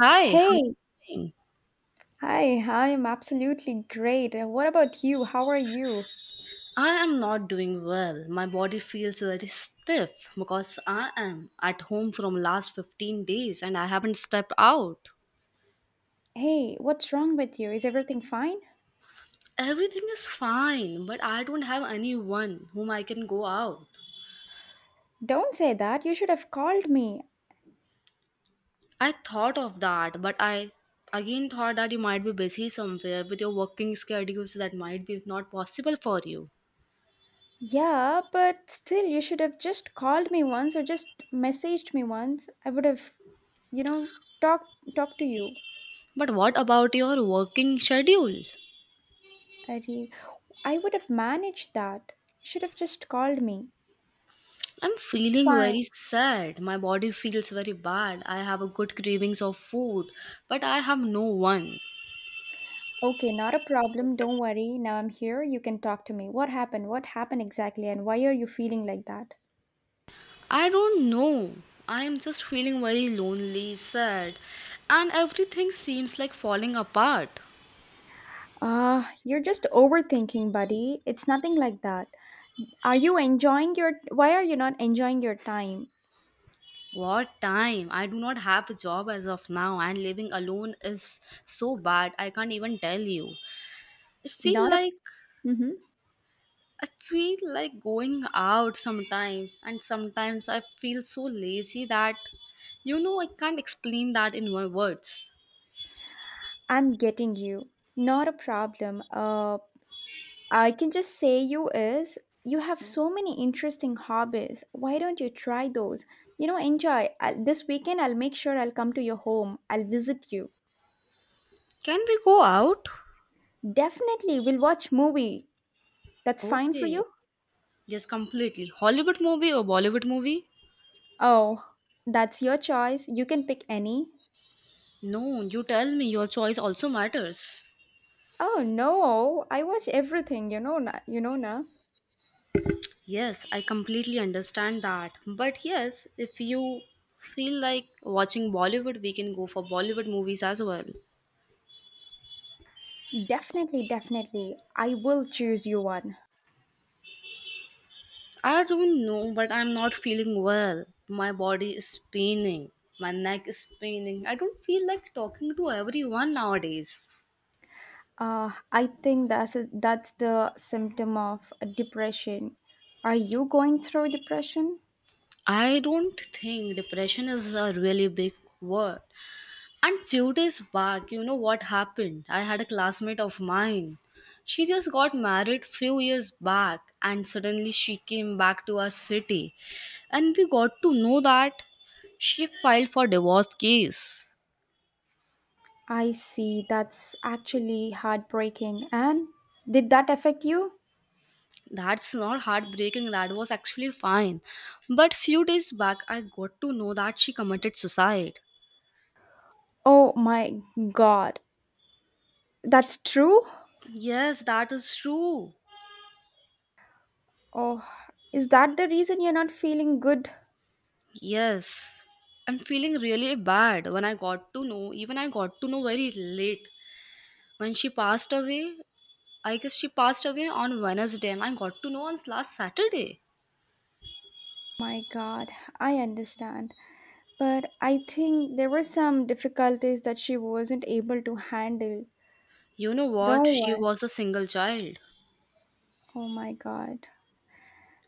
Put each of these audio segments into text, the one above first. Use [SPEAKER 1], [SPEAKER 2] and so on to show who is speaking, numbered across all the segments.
[SPEAKER 1] Hi, how are you
[SPEAKER 2] Hey,
[SPEAKER 1] doing?
[SPEAKER 2] hi, I'm absolutely great. What about you? How are you?
[SPEAKER 1] I am not doing well. My body feels very stiff because I am at home from last 15 days and I haven't stepped out.
[SPEAKER 2] Hey, what's wrong with you? Is everything fine?
[SPEAKER 1] Everything is fine, but I don't have anyone whom I can go out.
[SPEAKER 2] Don't say that. You should have called me.
[SPEAKER 1] I thought of that, but I again thought that you might be busy somewhere with your working schedules that might be not possible for you.
[SPEAKER 2] Yeah, but still, you should have just called me once or just messaged me once. I would have, you know, talked to you.
[SPEAKER 1] But what about your working schedule?
[SPEAKER 2] I re- I would have managed that. You should have just called me.
[SPEAKER 1] I'm feeling
[SPEAKER 2] Fine.
[SPEAKER 1] very sad. My body feels very bad. I have a good cravings of food, but I have no one.
[SPEAKER 2] Okay, not a problem. Don't worry. Now I'm here. You can talk to me. What happened? What happened exactly? And why are you feeling like that?
[SPEAKER 1] I don't know. I am just feeling very lonely, sad, and everything seems like falling apart.
[SPEAKER 2] Ah, you're just overthinking, buddy. It's nothing like that. Are you enjoying your Why are you not enjoying your time?
[SPEAKER 1] What time? I do not have a job as of now, and living alone is so bad. I can't even tell you. It feel
[SPEAKER 2] Not a
[SPEAKER 1] like
[SPEAKER 2] Mhm.
[SPEAKER 1] I feel like going out sometimes, and sometimes I feel so lazy that I can't explain that in my words.
[SPEAKER 2] I'm getting you. Not a problem. I can just say you have so many interesting hobbies. Why don't you try those? You know, enjoy. I this weekend I'll make sure I'll come to your home. I'll visit you.
[SPEAKER 1] Can we go out?
[SPEAKER 2] Definitely we'll watch movie. That's fine for
[SPEAKER 1] Okay.
[SPEAKER 2] you?
[SPEAKER 1] Yes, completely. Hollywood movie or Bollywood movie?
[SPEAKER 2] Oh, that's your choice. You can pick any.
[SPEAKER 1] No, you tell me your choice also matters.
[SPEAKER 2] Oh no, I watch everything, you know, na, you know na.
[SPEAKER 1] Yes, I completely understand that. But yes, if you feel like watching Bollywood, we can go for Bollywood movies as well.
[SPEAKER 2] Definitely, definitely. I will choose you one.
[SPEAKER 1] I don't know, but I'm not feeling well. My body is paining. My neck is paining. I don't feel like talking to everyone nowadays.
[SPEAKER 2] I think that's the symptom of depression. Are you going through depression?
[SPEAKER 1] I don't think depression is a really big word. And few days back, you know what happened? I had a classmate of mine. She just got married few years back and suddenly she came back to our city. And we got to know that she filed for divorce case.
[SPEAKER 2] I see. That's actually heartbreaking. And did that affect you?
[SPEAKER 1] That's not heartbreaking. That was actually fine. But few days back, I got to know that she committed suicide.
[SPEAKER 2] Oh my God. That's true?
[SPEAKER 1] Yes, that is true.
[SPEAKER 2] Oh, is that the reason you're not feeling good?
[SPEAKER 1] Yes. I'm feeling really bad when I got to know, even I got to know very late. When she passed away, I guess she passed away on Wednesday, and I got to know on last Saturday.
[SPEAKER 2] My God, I understand. But I think there were some difficulties that she wasn't able to handle.
[SPEAKER 1] You know what?
[SPEAKER 2] Don't
[SPEAKER 1] She
[SPEAKER 2] worry.
[SPEAKER 1] was a single child.
[SPEAKER 2] Oh my God.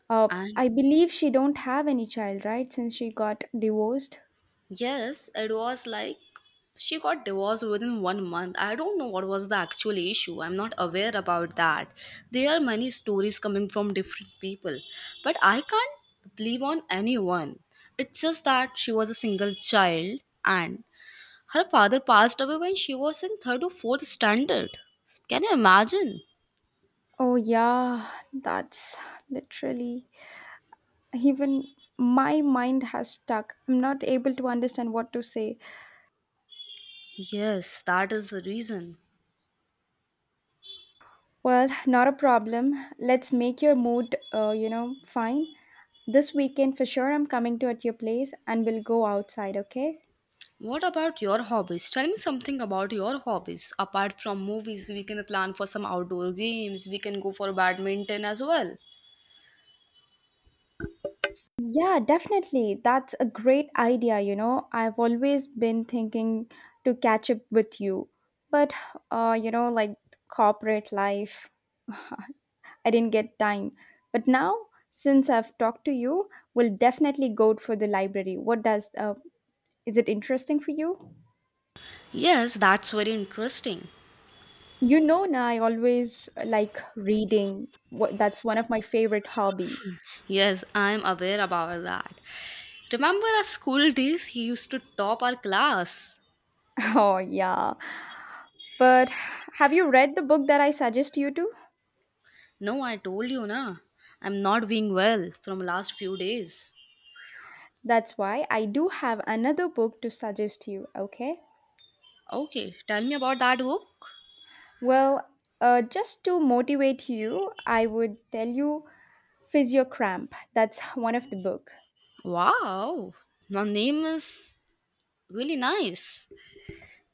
[SPEAKER 2] Uh,
[SPEAKER 1] And
[SPEAKER 2] I believe she don't have any child, right? Since she got divorced.
[SPEAKER 1] yes, it was like she got divorced within one month. I don't know what was the actual issue. I'm not aware about that. There are many stories coming from different people, but I can't believe on anyone. It's just that she was a single child and her father passed away when she was in third or fourth standard. Can you imagine?
[SPEAKER 2] Oh yeah, that's literally even my mind has stuck. I'm not able to understand what to say.
[SPEAKER 1] Yes, that is the reason.
[SPEAKER 2] Well, not a problem. Let's make your mood, fine. This weekend for sure I'm coming to at your place and we'll go outside, okay?
[SPEAKER 1] What about your hobbies? Tell me something about your hobbies. Apart from movies, we can plan for some outdoor games. We can go for badminton as well.
[SPEAKER 2] Yeah, definitely. That's a great idea. You know, I've always been thinking to catch up with you, but like corporate life, I didn't get time. But now, since I've talked to you, we'll definitely go for the library. What does Is it interesting for you?
[SPEAKER 1] Yes, that's very interesting.
[SPEAKER 2] You know, now I always like reading. What that's one of my favorite hobby.
[SPEAKER 1] Yes, I'm aware about that. Remember our school days? He used to top our class.
[SPEAKER 2] Oh yeah. But have you read the book that I suggest you to?
[SPEAKER 1] No, I told you, na. I'm not being well from last few days.
[SPEAKER 2] That's why I do have another book to suggest you, okay?
[SPEAKER 1] Okay, tell me about that book.
[SPEAKER 2] Well, just to motivate you, I would tell you Physiocramp. That's one of the book.
[SPEAKER 1] Wow, the name is really nice.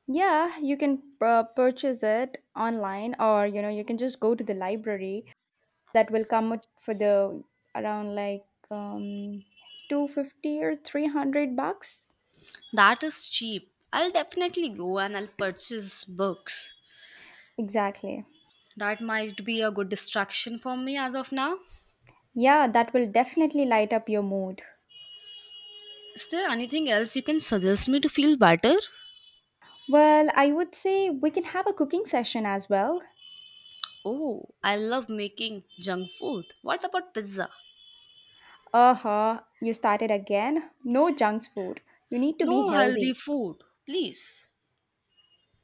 [SPEAKER 2] Yeah, you can purchase it online or you can just go to the library that will come up for the around like um 250 or 300 bucks.
[SPEAKER 1] That is cheap. I'll definitely go and I'll purchase books.
[SPEAKER 2] Exactly.
[SPEAKER 1] That might be a good distraction for me as of now.
[SPEAKER 2] Yeah, that will definitely light up your mood.
[SPEAKER 1] Is there anything else you can suggest me to feel better?
[SPEAKER 2] Well, I would say we can have a cooking session as well.
[SPEAKER 1] Oh, I love making junk food. What about pizza?
[SPEAKER 2] Uh-huh, you started again. No junk food. You need to be
[SPEAKER 1] No healthy
[SPEAKER 2] healthy.
[SPEAKER 1] food, please.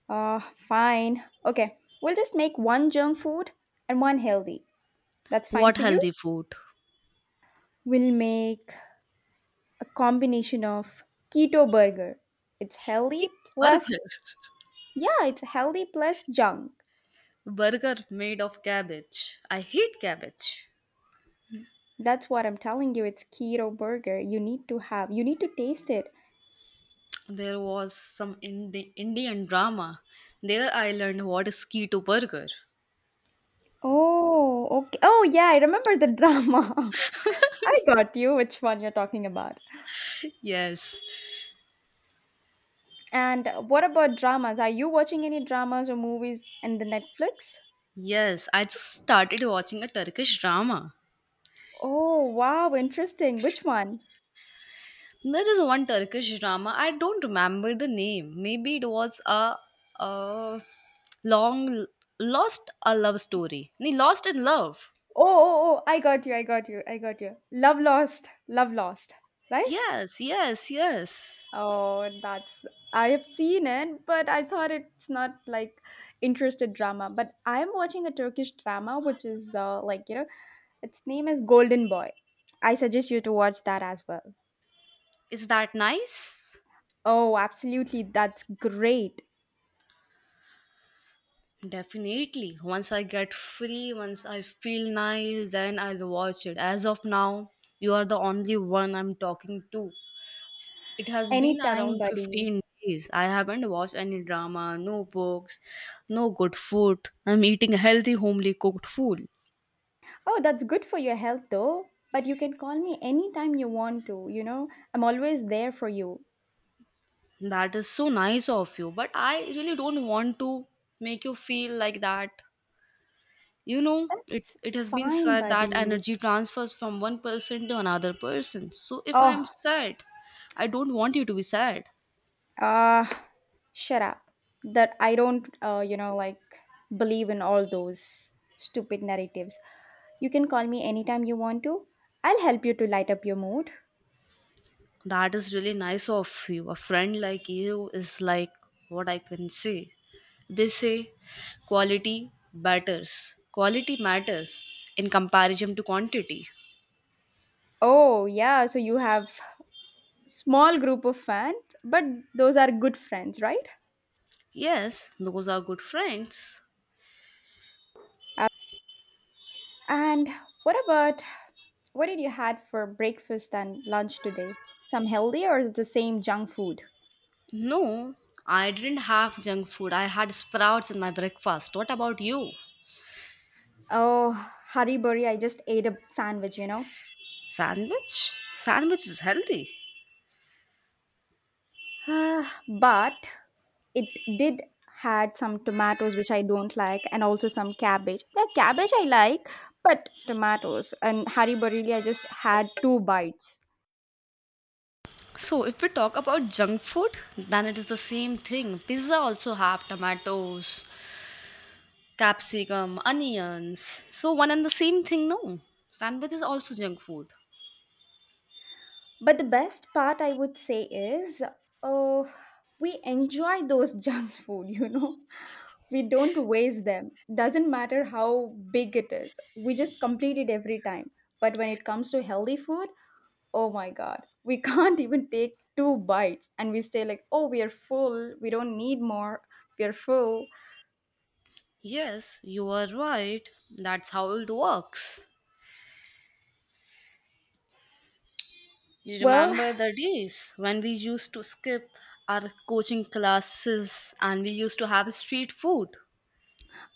[SPEAKER 2] Uh, Fine. Okay, we'll just make one junk food and one healthy. That's fine
[SPEAKER 1] What
[SPEAKER 2] for you.
[SPEAKER 1] healthy food?
[SPEAKER 2] We'll make a combination of keto burger. It's healthy
[SPEAKER 1] Burger.
[SPEAKER 2] plus, yeah, it's healthy plus junk.
[SPEAKER 1] Burger made of cabbage. I hate cabbage.
[SPEAKER 2] That's what I'm telling you. It's keto burger. You need to taste it.
[SPEAKER 1] There was some Indian drama. There I learned what is keto burger.
[SPEAKER 2] Oh, okay. Oh, yeah, I remember the drama. I got you which one you're talking about.
[SPEAKER 1] Yes,
[SPEAKER 2] And what about dramas? Are you watching any dramas or movies in the Netflix?
[SPEAKER 1] yes, I just started watching a Turkish drama.
[SPEAKER 2] Oh, wow, interesting. Which one?
[SPEAKER 1] There is one Turkish drama, I don't remember the name. Maybe it was a long lost a love story. Nee, lost in love.
[SPEAKER 2] Oh, oh, oh, I got you. I got you. I got you. Love Lost. Love Lost. Right?
[SPEAKER 1] Yes, yes, yes.
[SPEAKER 2] Oh, that's I have seen it, but I thought it's not like interested drama. But I'm watching a Turkish drama which is, like, its name is Golden Boy. I suggest you to watch that as well.
[SPEAKER 1] Is that nice?
[SPEAKER 2] Oh, absolutely. That's great.
[SPEAKER 1] Definitely. Once I get free, once I feel nice, then I'll watch it. As of now, you are the only one I'm talking to. It has been
[SPEAKER 2] Anytime,
[SPEAKER 1] around
[SPEAKER 2] buddy.
[SPEAKER 1] 15 days. I haven't watched any drama, no books, no good food. I'm eating healthy, homely cooked food.
[SPEAKER 2] Oh, that's good for your health though. But you can call me anytime you want to. I'm always there for you.
[SPEAKER 1] That is so nice of you, but I really don't want to make you feel like that. You know, it,
[SPEAKER 2] It's
[SPEAKER 1] it has been
[SPEAKER 2] fine,
[SPEAKER 1] said that
[SPEAKER 2] buddy.
[SPEAKER 1] energy transfers from one person to another person. So if
[SPEAKER 2] Oh,
[SPEAKER 1] I'm sad, I don't want you to be sad.
[SPEAKER 2] ah, shut up. That I don't, like believe in all those stupid narratives. You can call me anytime you want to. I'll help you to light up your mood.
[SPEAKER 1] That is really nice of you. A friend like you is like what I can say. They say quality matters. Quality matters in comparison to quantity.
[SPEAKER 2] Oh, yeah, so you have small group of fans, but those are good friends, right?
[SPEAKER 1] Yes, those are good friends.
[SPEAKER 2] Uh, And what about what did you had for breakfast and lunch today? Some healthy or is it the same junk food?
[SPEAKER 1] No, I didn't have junk food. I had sprouts in my breakfast. What about you?
[SPEAKER 2] Oh, hurry I just ate a sandwich.
[SPEAKER 1] Sandwich? Sandwich is healthy.
[SPEAKER 2] Ah, but it did had some tomatoes which I don't like and also some cabbage. The cabbage I like, but tomatoes and hurry I just had two bites.
[SPEAKER 1] So, if we talk about junk food, then it is the same thing. Pizza also have tomatoes, capsicum, onions. So, one and the same thing, no. Sandwich is also junk food.
[SPEAKER 2] But the best part I would say is uh, we enjoy those junk food. We don't waste them. Doesn't matter how big it is. We just complete it every time. But when it comes to healthy food, oh my god. We can't even take two bites and we stay like, "Oh, we are full. We don't need more. We are full."
[SPEAKER 1] Yes, you are right. That's how it works. You
[SPEAKER 2] Well,
[SPEAKER 1] remember the days when we used to skip our coaching classes and we used to have street food?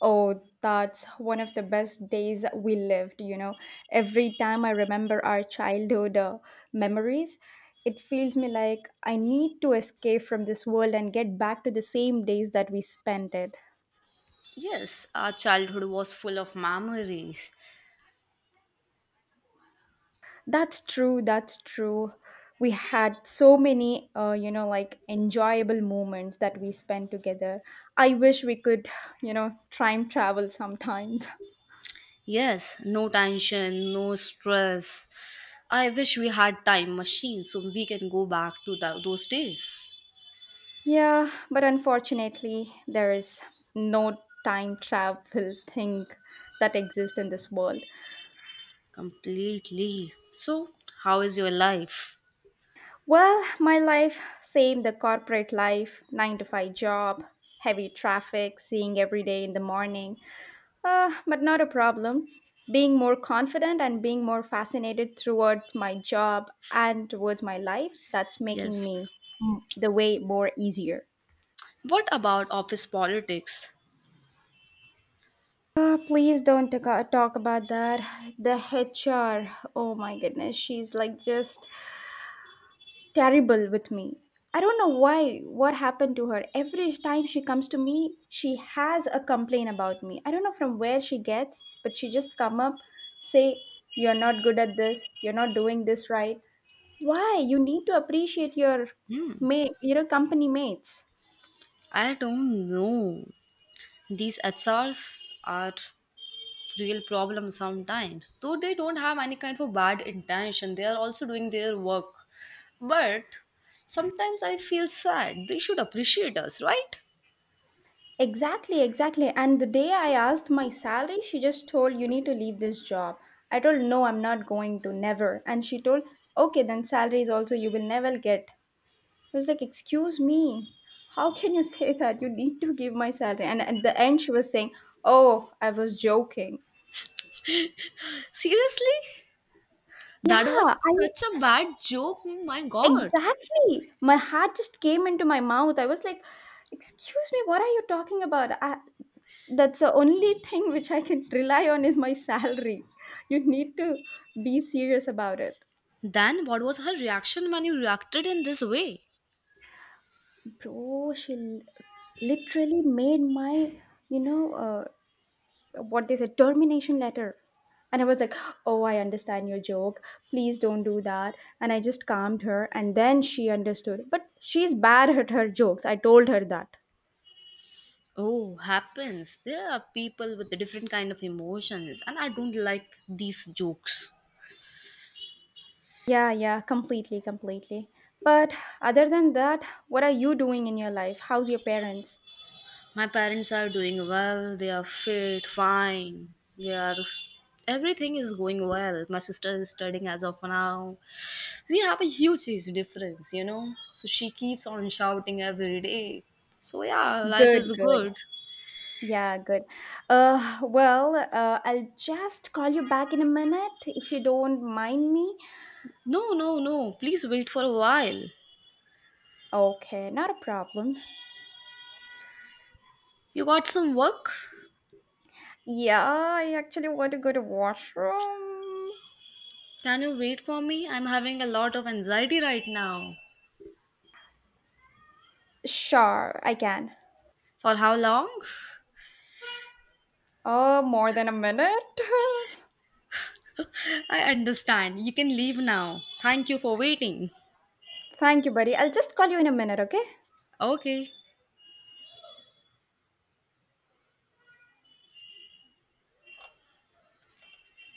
[SPEAKER 2] Oh, that's one of the best days we lived. Every time I remember our childhood memories, it feels me like I need to escape from this world and get back to the same days that we spent it.
[SPEAKER 1] Yes, our childhood was full of memories.
[SPEAKER 2] That's true, that's true. We had so many, like enjoyable moments that we spent together. I wish we could, time travel sometimes.
[SPEAKER 1] Yes, no tension, no stress. I wish we had time machine so we can go back to those days.
[SPEAKER 2] Yeah, but unfortunately, there is no time travel thing that exists in this world.
[SPEAKER 1] Completely. So, how is your life?
[SPEAKER 2] Well, my life, same the corporate life, 9 to 5 job, heavy traffic, seeing every day in the morning. But not a problem. Being more confident and being more fascinated towards my job and towards my life, that's making
[SPEAKER 1] Yes.
[SPEAKER 2] me the way more easier.
[SPEAKER 1] What about office politics?
[SPEAKER 2] Please don't talk about that. The HR, oh my goodness, she's like just terrible with me. I don't know why, what happened to her. Every time she comes to me, she has a complaint about me. I don't know from where she gets, but she just come up, say, you're not good at this, you're not doing this right. Why? You need to appreciate your
[SPEAKER 1] Hmm.
[SPEAKER 2] mate, company mates.
[SPEAKER 1] I don't know. These HRs are real problems sometimes. Though they don't have any kind of bad intention, they are also doing their work. But sometimes I feel sad. They should appreciate us, right?
[SPEAKER 2] Exactly, exactly. And the day I asked my salary, she just told, "You need to leave this job." I told, "No, I'm not going to, never." And she told, "Okay, then salary is also you will never get." I was like, "Excuse me, how can you say that? You need to give my salary." And at the end, she was saying, "Oh, I was joking."
[SPEAKER 1] Seriously?
[SPEAKER 2] Yeah,
[SPEAKER 1] That was
[SPEAKER 2] I
[SPEAKER 1] such a bad joke. Oh my god.
[SPEAKER 2] exactly. My heart just came into my mouth. I was like, "Excuse me, what are you talking about?" That's the only thing which I can rely on is my salary. You need to be serious about it.
[SPEAKER 1] Then what was her reaction when you reacted in this way?
[SPEAKER 2] Bro, literally made my, you know, uh, what they said, termination letter. And I was like, oh, I understand your joke. Please don't do that. And I just calmed her. And then she understood. But she's bad at her jokes. I told her that.
[SPEAKER 1] Oh, happens. There are people with different kind of emotions and I don't like these jokes.
[SPEAKER 2] Yeah, yeah, completely, completely. But other than that, what are you doing in your life? How's your parents?
[SPEAKER 1] My parents are doing well, they are fit, fine, they are everything is going well. My sister is studying as of now. We have a huge age difference, you know. So she keeps on shouting every day. So yeah, life
[SPEAKER 2] Good,
[SPEAKER 1] is
[SPEAKER 2] good.
[SPEAKER 1] good.
[SPEAKER 2] Yeah, good. Well, I'll just call you back in a minute if you don't mind me.
[SPEAKER 1] No, no, no. Please wait for a while.
[SPEAKER 2] Okay, not a problem.
[SPEAKER 1] You got some work?
[SPEAKER 2] Yeah, I actually want to go to washroom.
[SPEAKER 1] Can you wait for me? I'm having a lot of anxiety right now.
[SPEAKER 2] Sure, I can.
[SPEAKER 1] For how long?
[SPEAKER 2] Oh, more than a minute.
[SPEAKER 1] I understand. You can leave now. Thank you for waiting.
[SPEAKER 2] Thank you, buddy. I'll just call you in a minute, okay?
[SPEAKER 1] Okay.